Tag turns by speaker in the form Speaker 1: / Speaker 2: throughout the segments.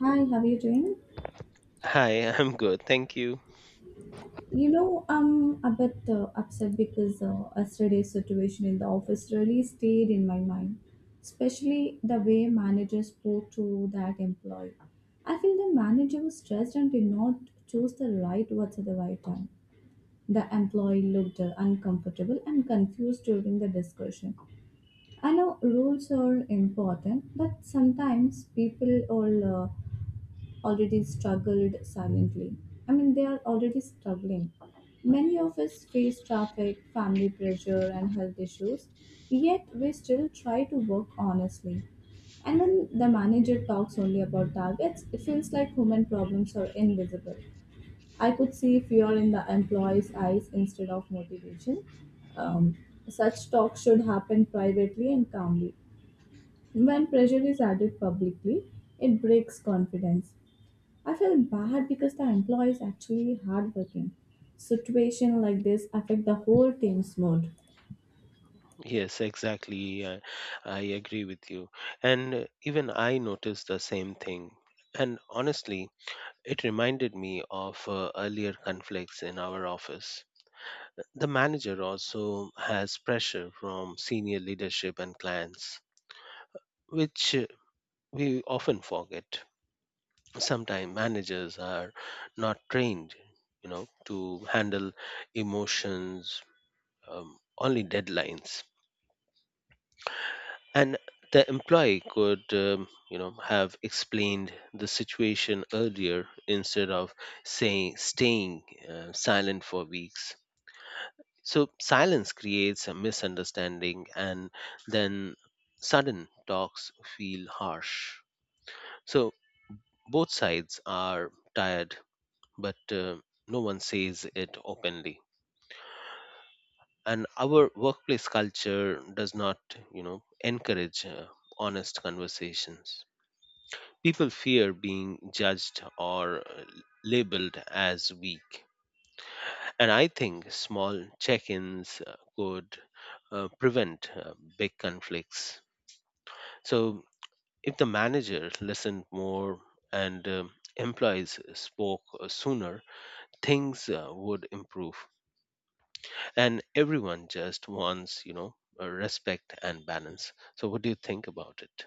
Speaker 1: Hi, how are you doing?
Speaker 2: Hi, I'm good. Thank you.
Speaker 1: You know, I'm a bit upset because yesterday's situation in the office really stayed in my mind, especially the way manager spoke to that employee. I feel the manager was stressed and did not choose the right words at the right time. The employee looked uncomfortable and confused during the discussion. I know rules are important, but sometimes people all already struggled silently. I mean, they are already struggling. Many of us face traffic, family pressure, and health issues, yet we still try to work honestly. And when the manager talks only about targets, it feels like human problems are invisible. I could see fear in the employee's eyes instead of motivation. Um, such talk should happen privately and calmly. When pressure is added publicly, it breaks confidence. I felt bad because the employee is actually hardworking. Situation like this affect the whole team's mood.
Speaker 2: Yes, exactly. I agree with you. And even I noticed the same thing. And honestly, it reminded me of earlier conflicts in our office. The manager also has pressure from senior leadership and clients, which we often forget. Sometimes managers are not trained, you know, to handle emotions, only deadlines. And the employee could have explained the situation earlier instead of saying staying silent for weeks. So silence creates a misunderstanding, and then sudden talks feel harsh, so both sides are tired, but no one says it openly, and our workplace culture does not encourage honest conversations. People fear being judged or labeled as weak. And I think small check ins could prevent big conflicts. So, if the manager listened more and employees spoke sooner, things would improve. And everyone just wants, you know, respect and balance. So, what do you think about it?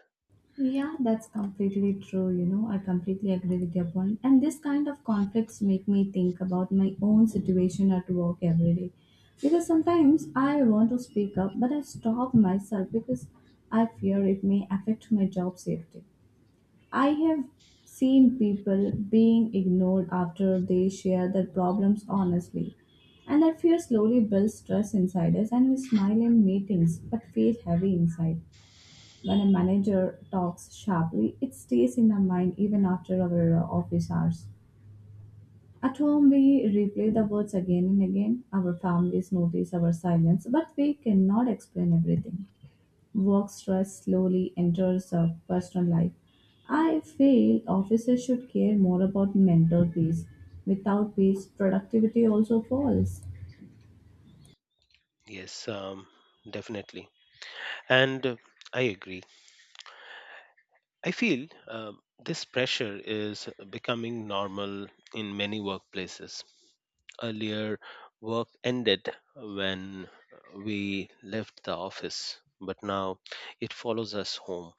Speaker 1: Yeah, that's completely true. You know, I completely agree with your point. And this kind of conflicts make me think about my own situation at work every day. Because sometimes I want to speak up, but I stop myself because I fear it may affect my job safety. I have seen people being ignored after they share their problems honestly, and that fear slowly builds stress inside us. And we smile in meetings but feel heavy inside. When a manager talks sharply, it stays in our mind even after our office hours. At home, we replay the words again and again. Our families notice our silence, but we cannot explain everything. Work stress slowly enters our personal life. I feel officers should care more about mental peace. Without peace, productivity also falls.
Speaker 2: Yes, definitely. And I agree. I feel this pressure is becoming normal in many workplaces. Earlier, work ended when we left the office, but now it follows us home.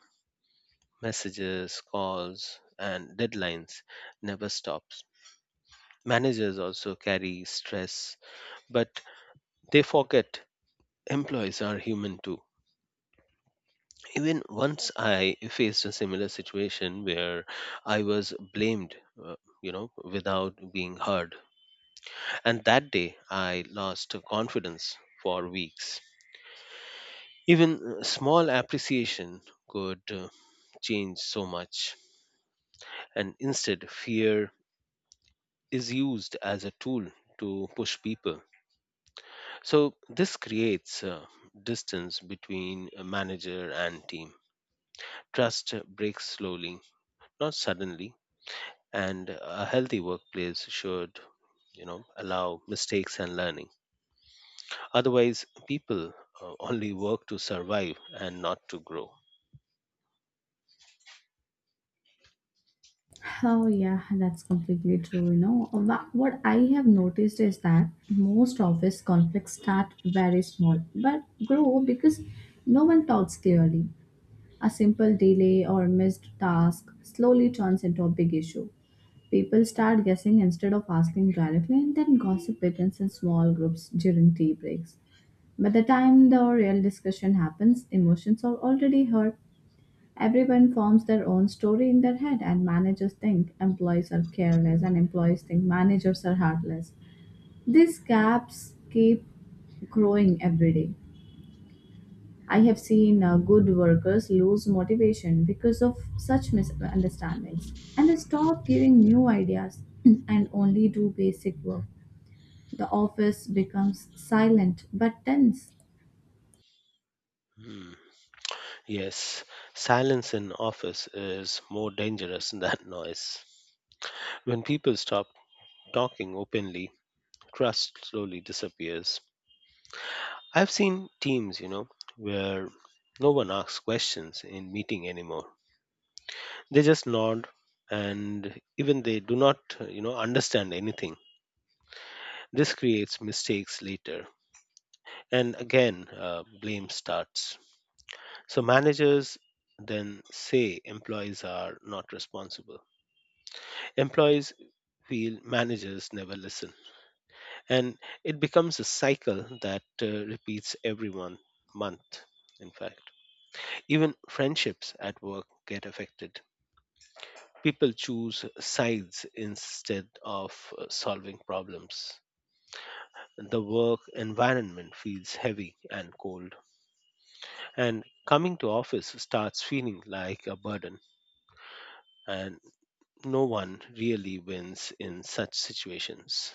Speaker 2: Messages, calls, and deadlines never stops. Managers also carry stress, but they forget employees are human too. Even once I faced a similar situation where I was blamed, uh, you know, without being heard, and that day I lost confidence for weeks. Even small appreciation could change so much, and instead fear is used as a tool to push people. So this creates distance between a manager and team. Trust breaks slowly, not suddenly. And a healthy workplace should, you know, allow mistakes and learning. Otherwise people only work to survive and not to grow.
Speaker 1: Oh, yeah, that's completely true. You know, what I have noticed is that most office conflicts start very small but grow because no one talks clearly. A simple delay or missed task slowly turns into a big issue. People start guessing instead of asking directly, and then gossip begins in small groups during tea breaks. By the time the real discussion happens, emotions are already hurt. Everyone forms their own story in their head, and managers think employees are careless, and employees think managers are heartless. These gaps keep growing every day. I have seen good workers lose motivation because of such misunderstandings and stop giving new ideas and only do basic work. The office becomes silent but tense.
Speaker 2: Hmm. Yes, silence in office is more dangerous than noise. When people stop talking openly, trust slowly disappears. I've seen teams, you know, where no one asks questions in meeting anymore. They just nod, and even they do not, you know, understand anything. This creates mistakes later. And again, blame starts. So managers then say employees are not responsible. Employees feel managers never listen. And it becomes a cycle that repeats every one month, in fact. Even friendships at work get affected. People choose sides instead of solving problems. The work environment feels heavy and cold, and coming to office starts feeling like a burden, and no one really wins in such situations.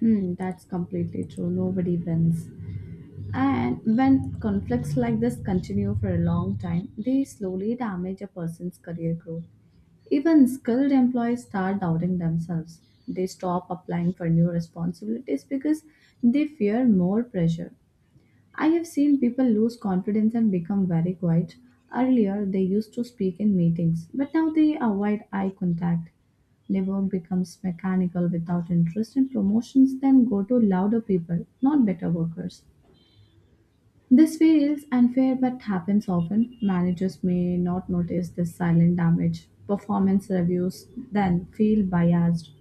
Speaker 1: Hmm, that's completely true. Nobody wins. And when conflicts like this continue for a long time, they slowly damage a person's career growth. Even skilled employees start doubting themselves. They stop applying for new responsibilities because they fear more pressure. I have seen people lose confidence and become very quiet. Earlier, they used to speak in meetings, but now they avoid eye contact. Their work becomes mechanical without interest in promotions, then go to louder people, not better workers. This feels unfair but happens often. Managers may not notice this silent damage. Performance reviews then feel biased.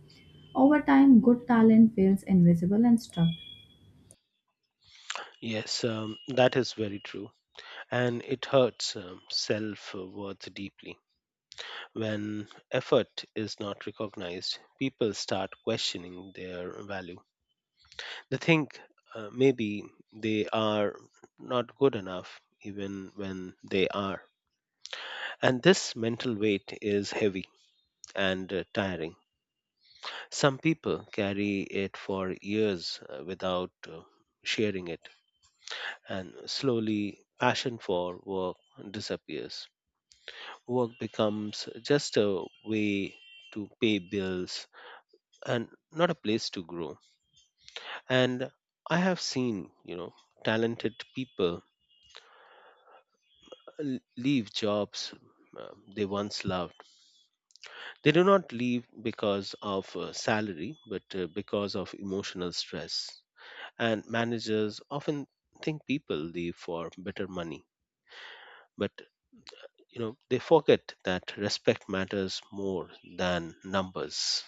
Speaker 1: Over time, good talent feels invisible and stuck.
Speaker 2: Yes, that is very true, and it hurts, self worth deeply. When effort is not recognized, people start questioning their value. They think maybe they are not good enough even when they are, and this mental weight is heavy and tiring. Some people carry it for years without sharing it, and slowly passion for work disappears. Work becomes just a way to pay bills and not a place to grow. And I have seen, you know, talented people leave jobs uh, they once loved. They do not leave because of salary, but because of emotional stress. And managers often think people leave for better money, but you know, they forget that respect matters more than numbers.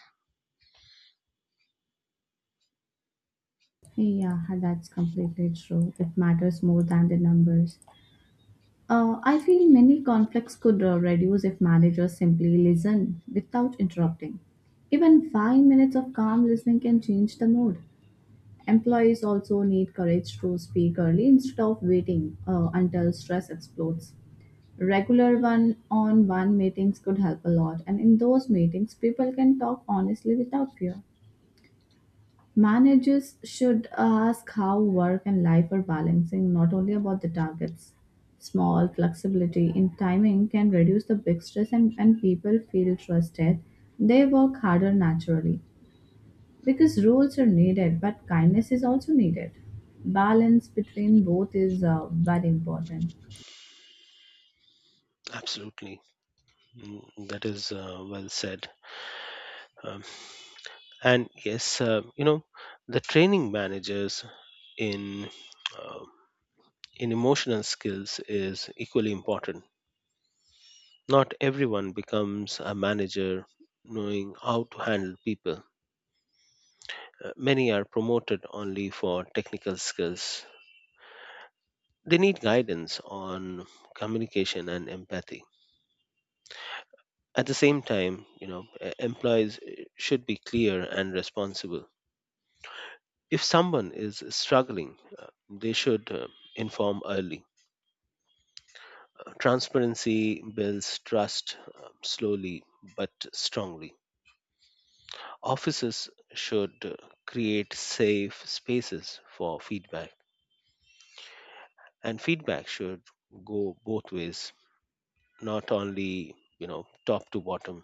Speaker 1: Yeah, that's completely true. It matters more than the numbers. I feel many conflicts could reduce if managers simply listen without interrupting. Even 5 minutes of calm listening can change the mood. Employees also need courage to speak early instead of waiting until stress explodes. Regular one on one meetings could help a lot, and in those meetings, people can talk honestly without fear. Managers should ask how work and life are balancing, not only about the targets. Small flexibility in timing can reduce the big stress, and when people feel trusted, they work harder naturally because rules are needed but kindness is also needed. Balance between both is very important.
Speaker 2: Absolutely. Mm, that is well said. um, and yes, you know, the training managers in uh, in emotional skills is equally important. Not everyone becomes a manager knowing how to handle people. Many are promoted only for technical skills. They need guidance on communication and empathy. At the same time, you know, employees should be clear and responsible. If someone is struggling, they should inform early. Transparency builds trust slowly but strongly. Offices should create safe spaces for feedback, and feedback should go both ways, not only, you know, top to bottom.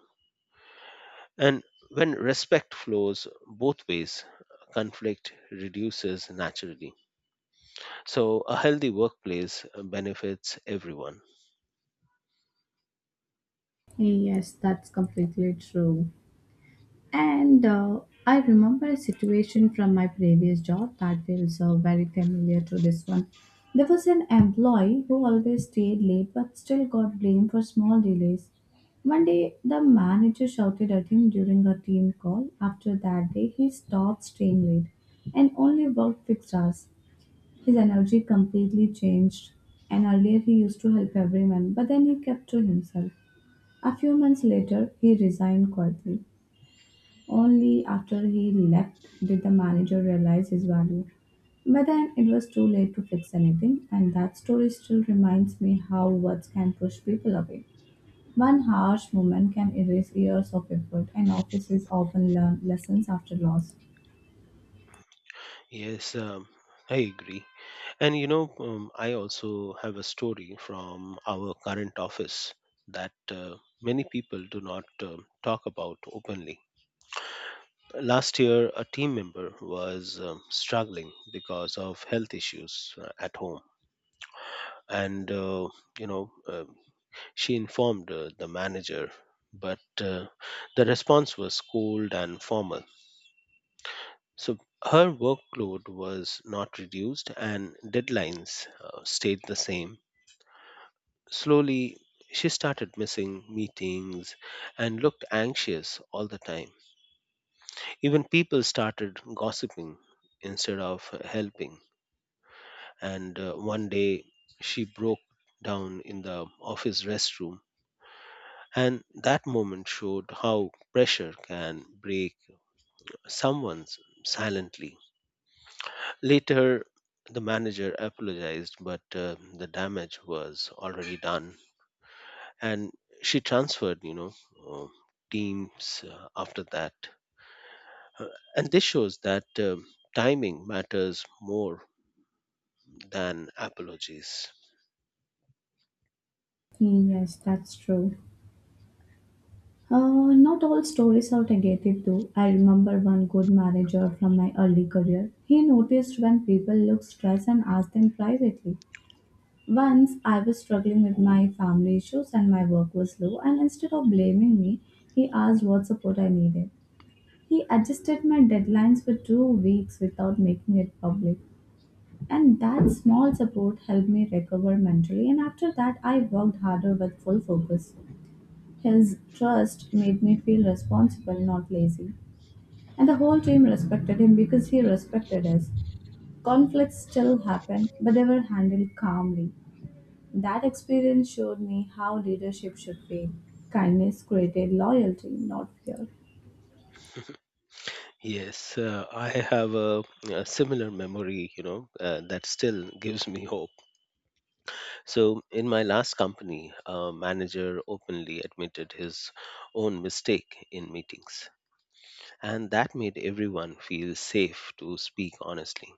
Speaker 2: And when respect flows both ways, conflict reduces naturally. So a healthy workplace benefits everyone.
Speaker 1: Yes, that's completely true. And I remember a situation from my previous job that feels very familiar to this one. There was an employee who always stayed late but still got blamed for small delays. One day, the manager shouted at him during a team call. After that day, he stopped staying late and only worked fixed hours. His energy completely changed, and earlier he used to help everyone, but then he kept to himself. A few months later, he resigned quietly. Only after he left did the manager realize his value. But then it was too late to fix anything, and that story still reminds me how words can push people away. One harsh moment can erase years of effort, and offices often learn lessons after loss.
Speaker 2: Yes, I agree. And you know, I also have a story from our current office that many people do not talk about openly. Last year, a team member was struggling because of health issues at home. And, you know, uh, she informed the manager, but the response was cold and formal. So her workload was not reduced and deadlines stayed the same. Slowly, she started missing meetings and looked anxious all the time. Even people started gossiping instead of helping. And one day, she broke down in the office restroom. And that moment showed how pressure can break someone silently. Later, the manager apologized, but the damage was already done, and she transferred, uh, teams after that. Uh, and this shows that timing matters more than apologies.
Speaker 1: Yes, that's true. Not all stories are negative though. I remember one good manager from my early career. He noticed when people looked stressed and asked them privately. Once I was struggling with my family issues and my work was low, and instead of blaming me, he asked what support I needed. He adjusted my deadlines for 2 weeks without making it public. And that small support helped me recover mentally, and after that, I worked harder with full focus. His trust made me feel responsible, not lazy. And the whole team respected him because he respected us. Conflicts still happened, but they were handled calmly. That experience showed me how leadership should be. Kindness created loyalty, not fear.
Speaker 2: Yes, I have a similar memory, you know, that still gives me hope. So, in my last company, a manager openly admitted his own mistake in meetings, and that made everyone feel safe to speak honestly.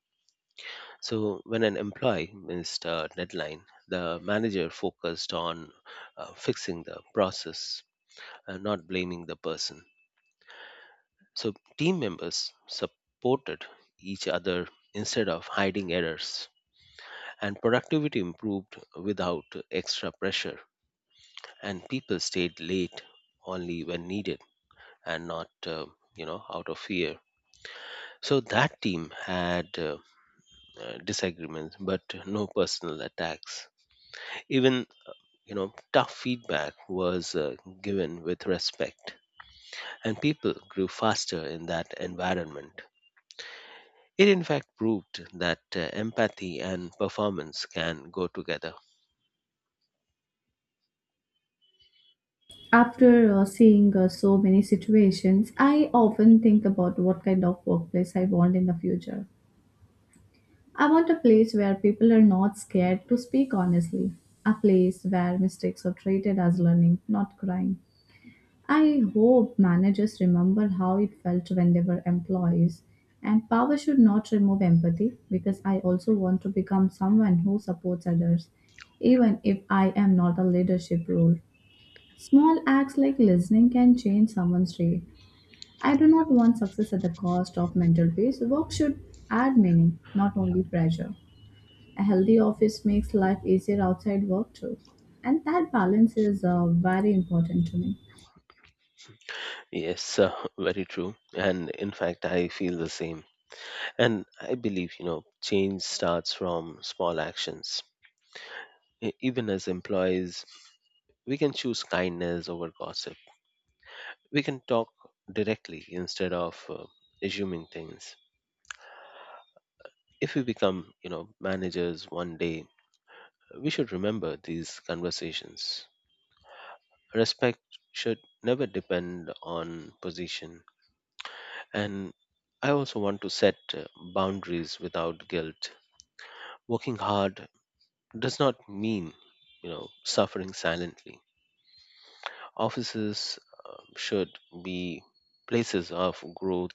Speaker 2: So, when an employee missed a deadline, the manager focused on fixing the process and not blaming the person. So, team members supported each other instead of hiding errors, and productivity improved without extra pressure. And people stayed late only when needed and not, you know, out of fear. So that team had disagreements but no personal attacks. Even, you know, tough feedback was given with respect, and people grew faster in that environment. It in fact proved that empathy and performance can go together.
Speaker 1: After seeing so many situations, I often think about what kind of workplace I want in the future. I want a place where people are not scared to speak honestly, a place where mistakes are treated as learning, not crime. I hope managers remember how it felt when they were employees. And power should not remove empathy because I also want to become someone who supports others, even if I am not a leadership role. Small acts like listening can change someone's day. I do not want success at the cost of mental peace. Work should add meaning, not only pressure. A healthy office makes life easier outside work too. And that balance is very important to me.
Speaker 2: Yes, very true, and in fact I feel the same. And I believe, you know, change starts from small actions. Even as employees, we can choose kindness over gossip. We can talk directly instead of assuming things. If we become, you know, managers one day, we should remember these conversations. Respect should never depend on position. And I also want to set boundaries without guilt. Working hard does not mean, you know, suffering silently. Offices should be places of growth,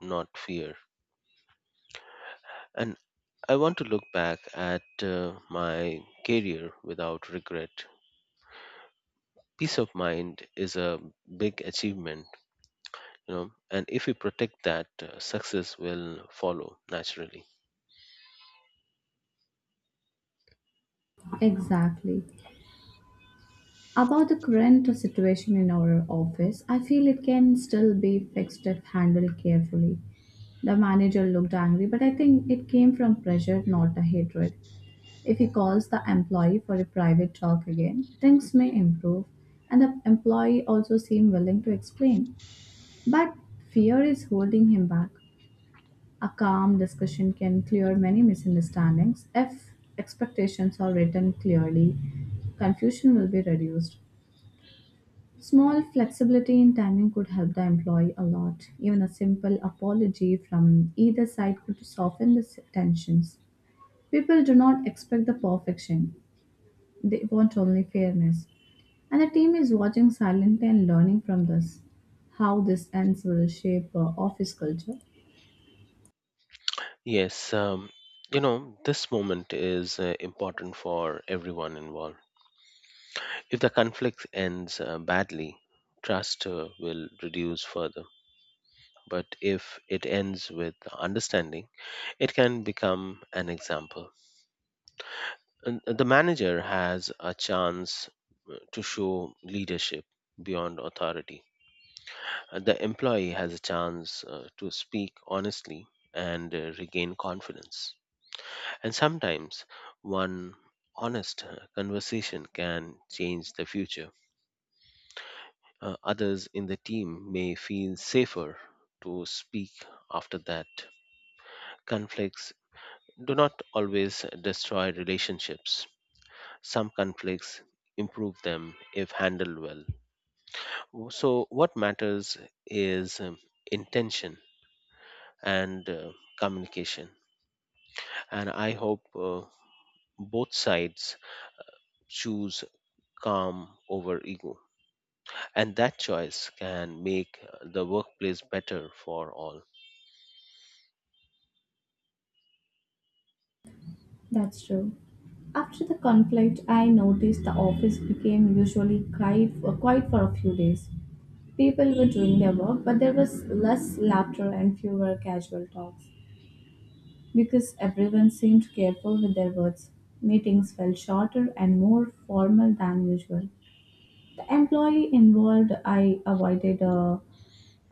Speaker 2: not fear. And I want to look back at my career without regret. Peace of mind is a big achievement, you know, and if we protect that, success will follow naturally.
Speaker 1: Exactly. About the current situation in our office, I feel it can still be fixed if handled carefully. The manager looked angry, but I think it came from pressure, not a hatred. If he calls the employee for a private talk again, things may improve, and the employee also seemed willing to explain. But fear is holding him back. A calm discussion can clear many misunderstandings. If expectations are written clearly, confusion will be reduced. Small flexibility in timing could help the employee a lot. Even a simple apology from either side could soften the tensions. People do not expect the perfection, they want only fairness. And the team is watching silently and learning from this. How this ends will shape office culture.
Speaker 2: Yes, you know, this moment is important for everyone involved. If the conflict ends badly, trust will reduce further. But if it ends with understanding, it can become an example. And the manager has a chance to show leadership beyond authority. The employee has a chance to speak honestly and regain confidence. And sometimes one honest conversation can change the future. Others in the team may feel safer to speak after that. Conflicts do not always destroy relationships. Some conflicts improve them if handled well. So, what matters is intention and communication. And I hope both sides choose calm over ego. And that choice can make the workplace better for all.
Speaker 1: That's true. After the conflict, I noticed the office became quiet for a few days. People were doing their work, but there was less laughter and fewer casual talks because everyone seemed careful with their words. Meetings felt shorter and more formal than usual. The employee involved I avoided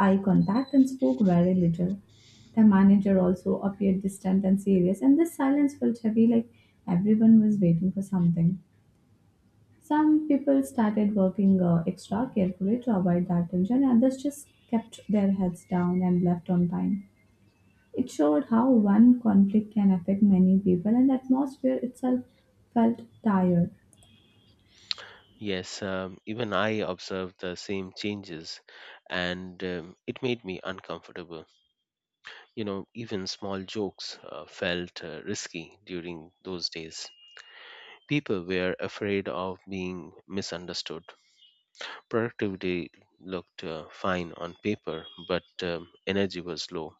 Speaker 1: eye contact and spoke very little. The manager also appeared distant and serious, and this silence felt heavy like everyone was waiting for something. Some people started working extra carefully to avoid that tension, and others just kept their heads down and left on time. It showed how one conflict can affect many people, and the atmosphere itself felt tired.
Speaker 2: Yes, even I observed the same changes, and it made me uncomfortable. You know, even small jokes felt risky during those days. People were afraid of being misunderstood. Productivity looked fine on paper, but energy was low.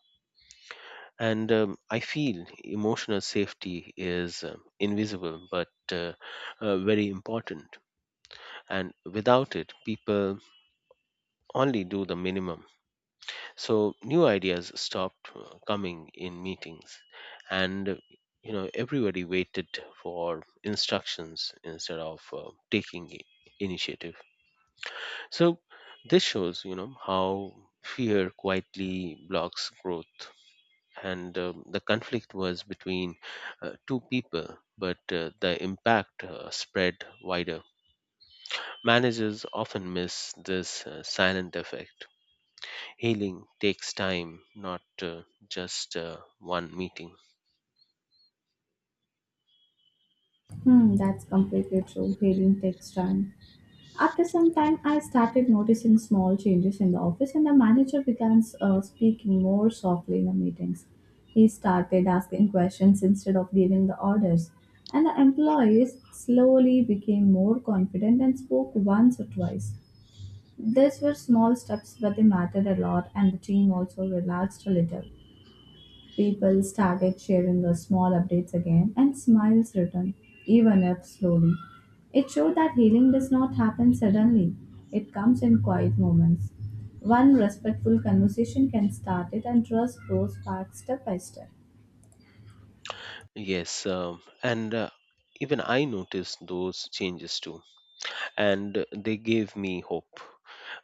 Speaker 2: And I feel emotional safety is invisible but very important. And without it, people only do the minimum. So new ideas stopped coming in meetings, and you know, everybody waited for instructions instead of taking initiative. So this shows, you know, how fear quietly blocks growth. And the conflict was between two people, but the impact spread wider. Managers often miss this silent effect. Healing takes time, not just one meeting.
Speaker 1: Hmm, that's completely true. Healing takes time. After some time, I started noticing small changes in the office, and the manager began speaking more softly in the meetings. He started asking questions instead of giving the orders, and the employees slowly became more confident and spoke once or twice. These were small steps, but they mattered a lot, and the team also relaxed a little. People started sharing the small updates again, and smiles returned, even if slowly. It showed that healing does not happen suddenly, it comes in quiet moments. One respectful conversation can start it, and trust grows back step by step.
Speaker 2: Yes, and even I noticed those changes too, and they gave me hope.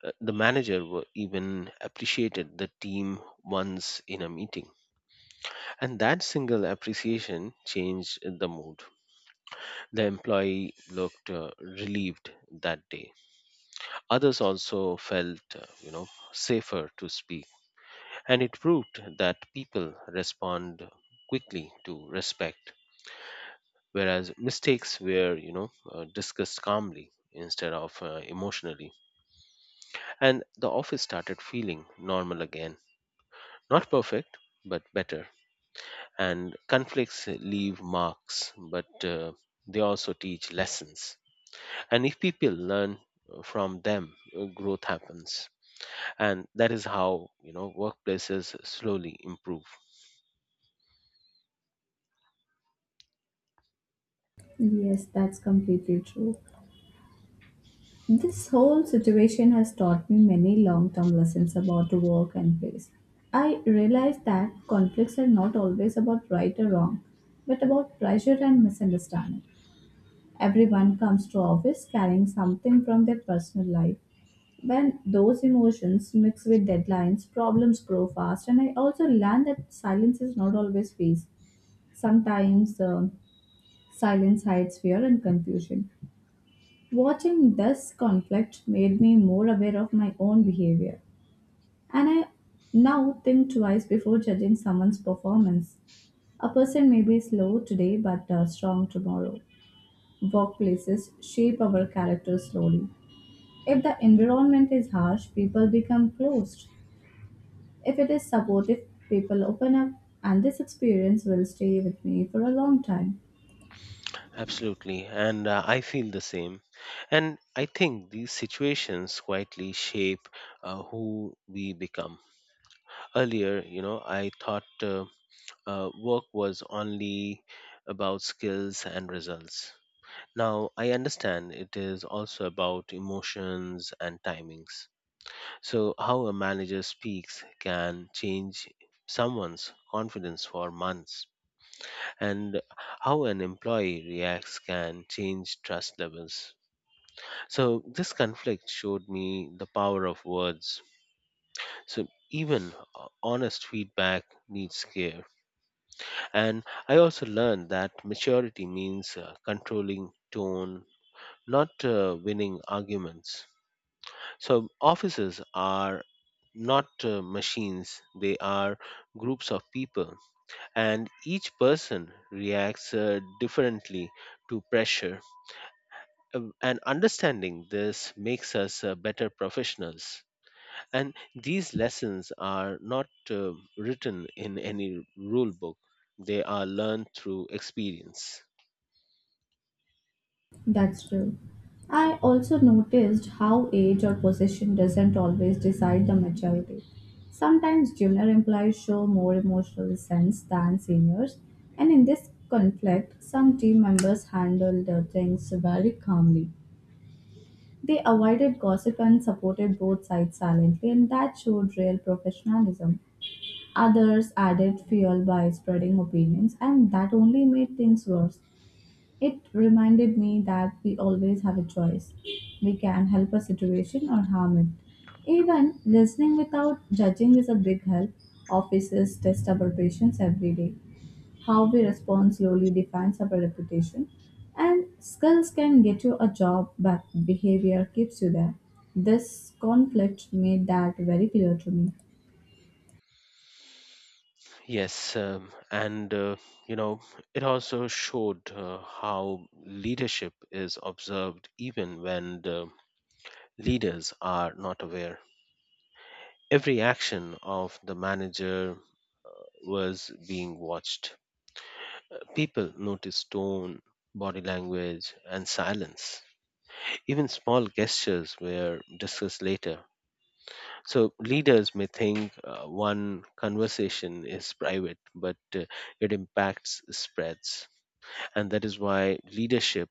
Speaker 2: The manager even appreciated the team once in a meeting, and that single appreciation changed the mood. The employee looked relieved that day. Others also felt, you know, safer to speak. And it proved that people respond quickly to respect, whereas mistakes were, you know, discussed calmly instead of emotionally. And the office started feeling normal again. Not perfect, but better. And conflicts leave marks, but they also teach lessons. And if people learn from them, growth happens. And that is how, you know, workplaces slowly improve.
Speaker 1: Yes, that's completely true. This whole situation has taught me many long term lessons about work and place. I realized that conflicts are not always about right or wrong, but about pressure and misunderstanding. Everyone comes to office carrying something from their personal life. When those emotions mix with deadlines, problems grow fast. And I also learned that silence is not always peace. Sometimes silence hides fear and confusion. Watching this conflict made me more aware of my own behavior. And I now think twice before judging someone's performance. A person may be slow today but strong tomorrow. Workplaces shape our character slowly. If the environment is harsh, people become closed. If it is supportive, people open up, and this experience will stay with me for a long time.
Speaker 2: Absolutely. And I feel the same. And I think these situations quietly shape who we become. Earlier, you know, I thought work was only about skills and results. Now I understand it is also about emotions and timings. So, how a manager speaks can change someone's confidence for months, and how an employee reacts can change trust levels. So this conflict showed me the power of words. So even honest feedback needs care. And I also learned that maturity means controlling tone, not winning arguments. So officers are not machines, they are groups of people, and each person reacts differently to pressure. And understanding this makes us better professionals. And these lessons are not written in any rule book, they are learned through experience.
Speaker 1: That's true. I also noticed how age or position doesn't always decide the maturity. Sometimes junior employees show more emotional sense than seniors, and in this conflict, some team members handle the things very calmly. They avoided gossip and supported both sides silently, and that showed real professionalism. Others added fuel by spreading opinions, and that only made things worse. It reminded me that we always have a choice. We can help a situation or harm it. Even listening without judging is a big help. Officers test our patience every day. How we respond slowly defines our reputation, and skills can get you a job, but behavior keeps you there. This conflict made that very clear to me.
Speaker 2: Yes, you know, it also showed how leadership is observed even when the leaders are not aware. Every action of the manager was being watched. People noticed tone, body language, and silence. Even small gestures were discussed later. So leaders may think one conversation is private, but it impacts spreads. And that is why leadership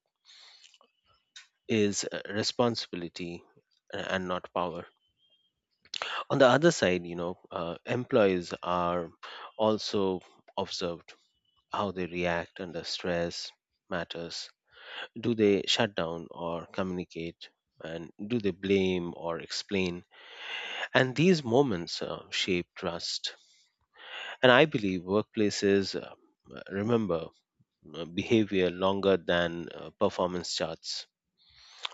Speaker 2: is a responsibility and not power. On the other side, you know, employees are also observed. How they react under stress matters. Do they shut down or communicate? And do they blame or explain? And these moments shape trust. And I believe workplaces remember behavior longer than performance charts.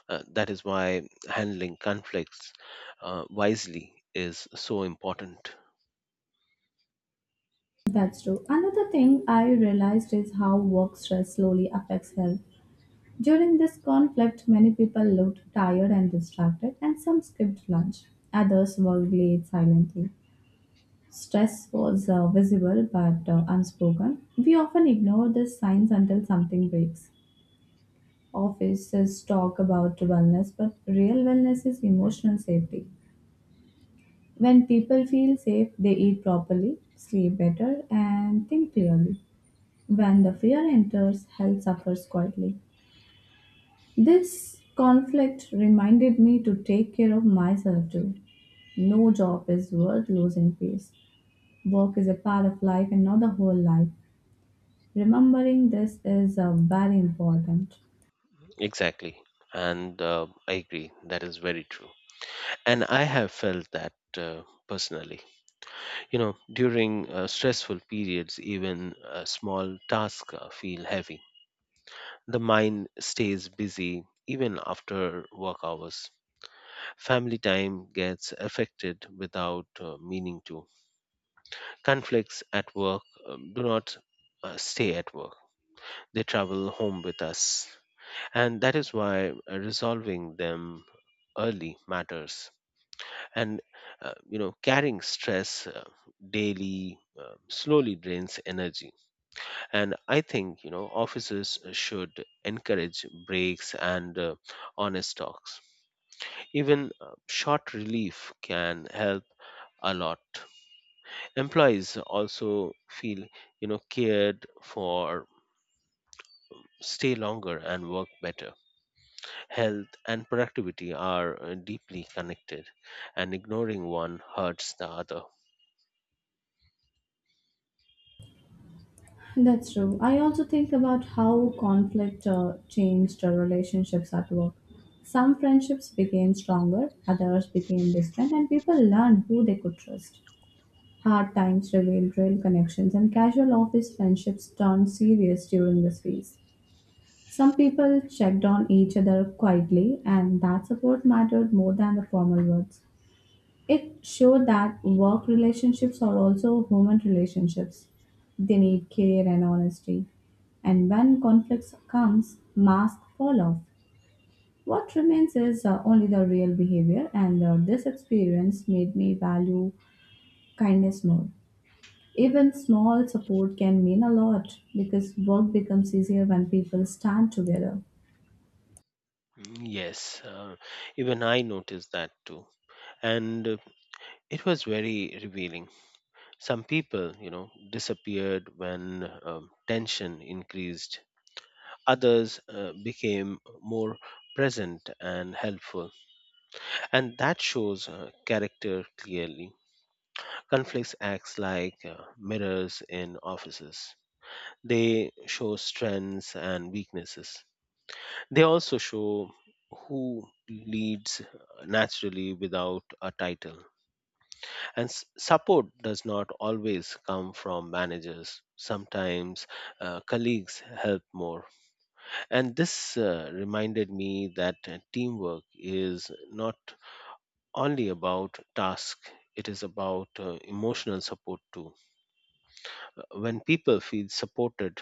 Speaker 2: That is why handling conflicts wisely is so important.
Speaker 1: That's true. Another thing I realized is how work stress slowly affects health. During this conflict, many people looked tired and distracted, and some skipped lunch. Others worked late silently. Stress was visible but unspoken. We often ignore these signs until something breaks. Offices talk about wellness, but real wellness is emotional safety. When people feel safe, they eat properly, sleep better, and think clearly. When the fear enters, health suffers quietly. This conflict reminded me to take care of myself too. No job is worth losing face. Work is a part of life and not the whole life. Remembering this is very important.
Speaker 2: Exactly. And I agree, that is very true. And I have felt that personally. You know, during stressful periods, even small tasks feel heavy. The mind stays busy even after work hours. Family time gets affected without meaning to. Conflicts at work do not stay at work, they travel home with us. And that is why resolving them early matters. And you know, carrying stress daily slowly drains energy. And I think, you know, offices should encourage breaks and honest talks. Even short relief can help a lot. Employees also feel, you know, cared for, stay longer and work better. Health and productivity are deeply connected, and ignoring one hurts the other.
Speaker 1: That's true. I also think about how conflict changed our relationships at work. Some friendships became stronger, others became distant, and people learned who they could trust. Hard times revealed real connections, and casual office friendships turned serious during this phase. Some people checked on each other quietly, and that support mattered more than the formal words. It showed that work relationships are also human relationships. They need care and honesty. And when conflicts comes, masks fall off. What remains is only the real behavior, and this experience made me value kindness more. Even small support can mean a lot because work becomes easier when people stand together.
Speaker 2: Mm, yes, even I noticed that too. And it was very revealing. Some people, you know, disappeared when tension increased, others became more present and helpful. And that shows character clearly. Conflicts acts like mirrors in offices. They show strengths and weaknesses. They also show who leads naturally without a title. And support does not always come from managers. Sometimes colleagues help more. And this reminded me that teamwork is not only about task, it is about emotional support too. When people feel supported,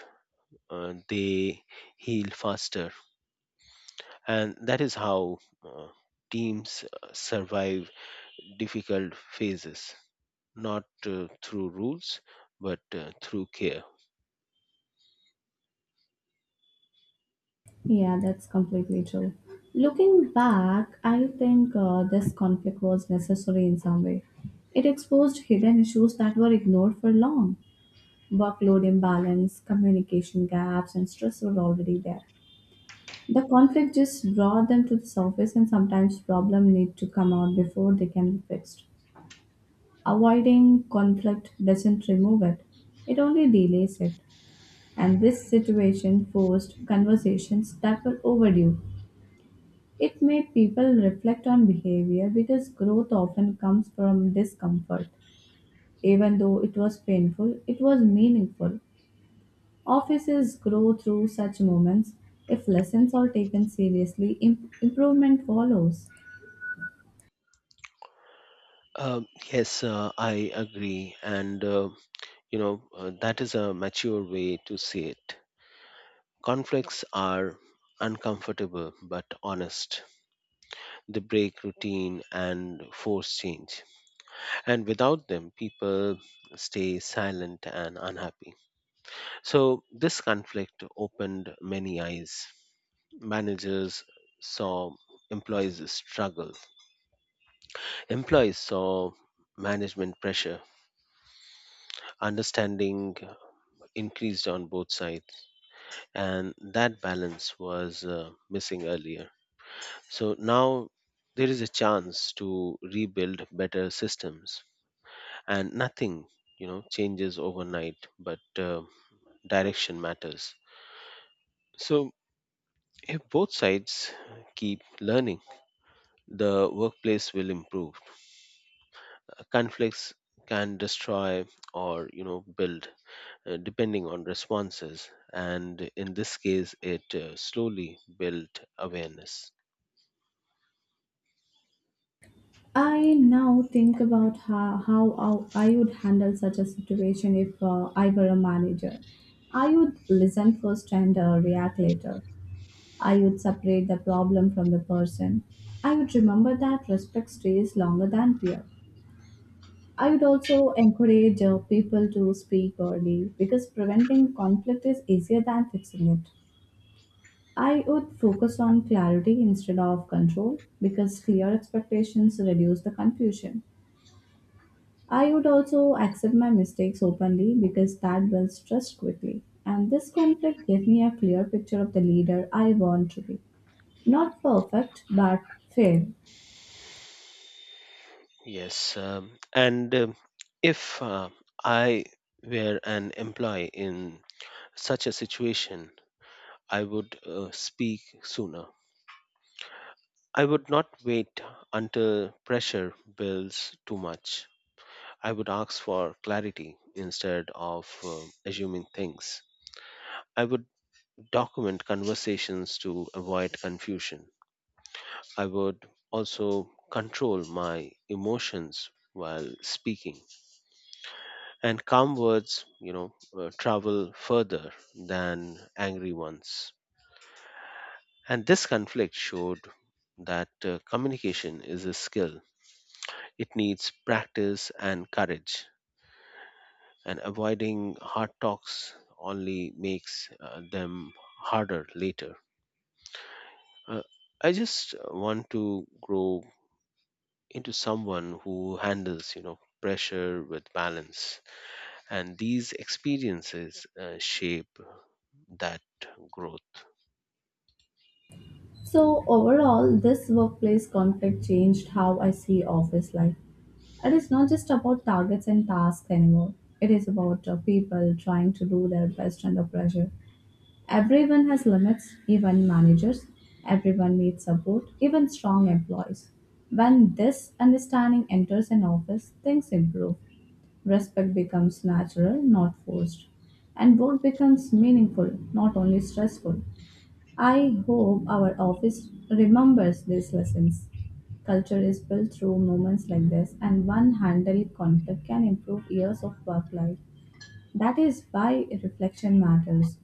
Speaker 2: they heal faster. And that is how uh, teams survive difficult phases, not through rules, but through care.
Speaker 1: Yeah, that's completely true. Looking back, I think this conflict was necessary in some way. It exposed hidden issues that were ignored for long. Workload imbalance, communication gaps, and stress were already there. The conflict just brought them to the surface, and sometimes problems need to come out before they can be fixed. Avoiding conflict doesn't remove it, it only delays it. And this situation forced conversations that were overdue. It made people reflect on behavior because growth often comes from discomfort. Even though it was painful, it was meaningful. Offices grow through such moments. If lessons are taken seriously, improvement follows.
Speaker 2: Um, yes, I agree. And that is a mature way to see it. Conflicts are uncomfortable but honest, they break routine and force change. And without them, people stay silent and unhappy. So, this conflict opened many eyes. Managers saw employees struggle, employees saw management pressure. Understanding increased on both sides, and that balance was missing earlier. So, now there is a chance to rebuild better systems, and nothing you know changes overnight but direction matters. So, if both sides keep learning, the workplace will improve. Conflicts can destroy or you know build depending on responses, and in this case it slowly built awareness.
Speaker 1: I now think about how I would handle such a situation if I were a manager. I would listen first and react later. I would separate the problem from the person. I would remember that respect stays longer than fear. I would also encourage people to speak early because preventing conflict is easier than fixing it. I would focus on clarity instead of control because clear expectations reduce the confusion. I would also accept my mistakes openly because that builds trust quickly. And this conflict gave me a clear picture of the leader I want to be. Not perfect, but fair.
Speaker 2: Yes um, and um, If I were an employee in such a situation, I would speak sooner. I would not wait until pressure builds too much. I would ask for clarity instead of assuming things. I would document conversations to avoid confusion. I would also control my emotions while speaking. And calm words, you know, travel further than angry ones. And this conflict showed that communication is a skill. It needs practice and courage, and avoiding hard talks only makes them harder later. Uh, I just want to grow into someone who handles, you know, pressure with balance, and these experiences shape that growth.
Speaker 1: So, overall, this workplace conflict changed how I see office life. It is not just about targets and tasks anymore, it is about people trying to do their best under pressure. Everyone has limits, even managers. Everyone needs support, even strong employees. When this understanding enters an office, things improve. Respect becomes natural, not forced. And work becomes meaningful, not only stressful. I hope our office remembers these lessons. Culture is built through moments like this, and one handled conflict can improve years of work life. That is why reflection matters.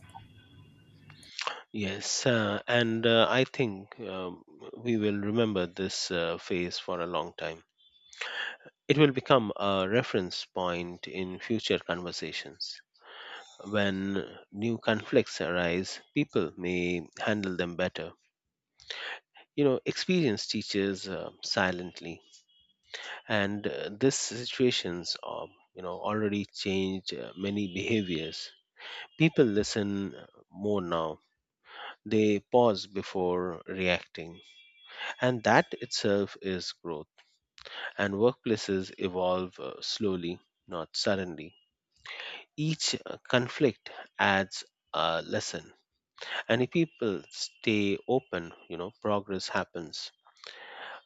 Speaker 2: Yes, and I think we will remember this phase for a long time. It will become a reference point in future conversations. When new conflicts arise, people may handle them better. You know, experience teaches silently, and this situations, you know, already change many behaviors. People listen more now. They pause before reacting, and that itself is growth. And workplaces evolve slowly, not suddenly. Each conflict adds a lesson, and if people stay open, you know, progress happens.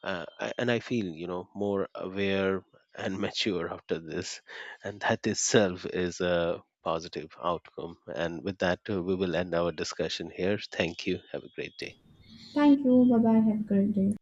Speaker 2: And I feel, you know, more aware and mature after this, and that itself is a positive outcome. And with that, we will end our discussion here. Thank you, have a great day.
Speaker 1: Thank you. Bye bye. Have a great day.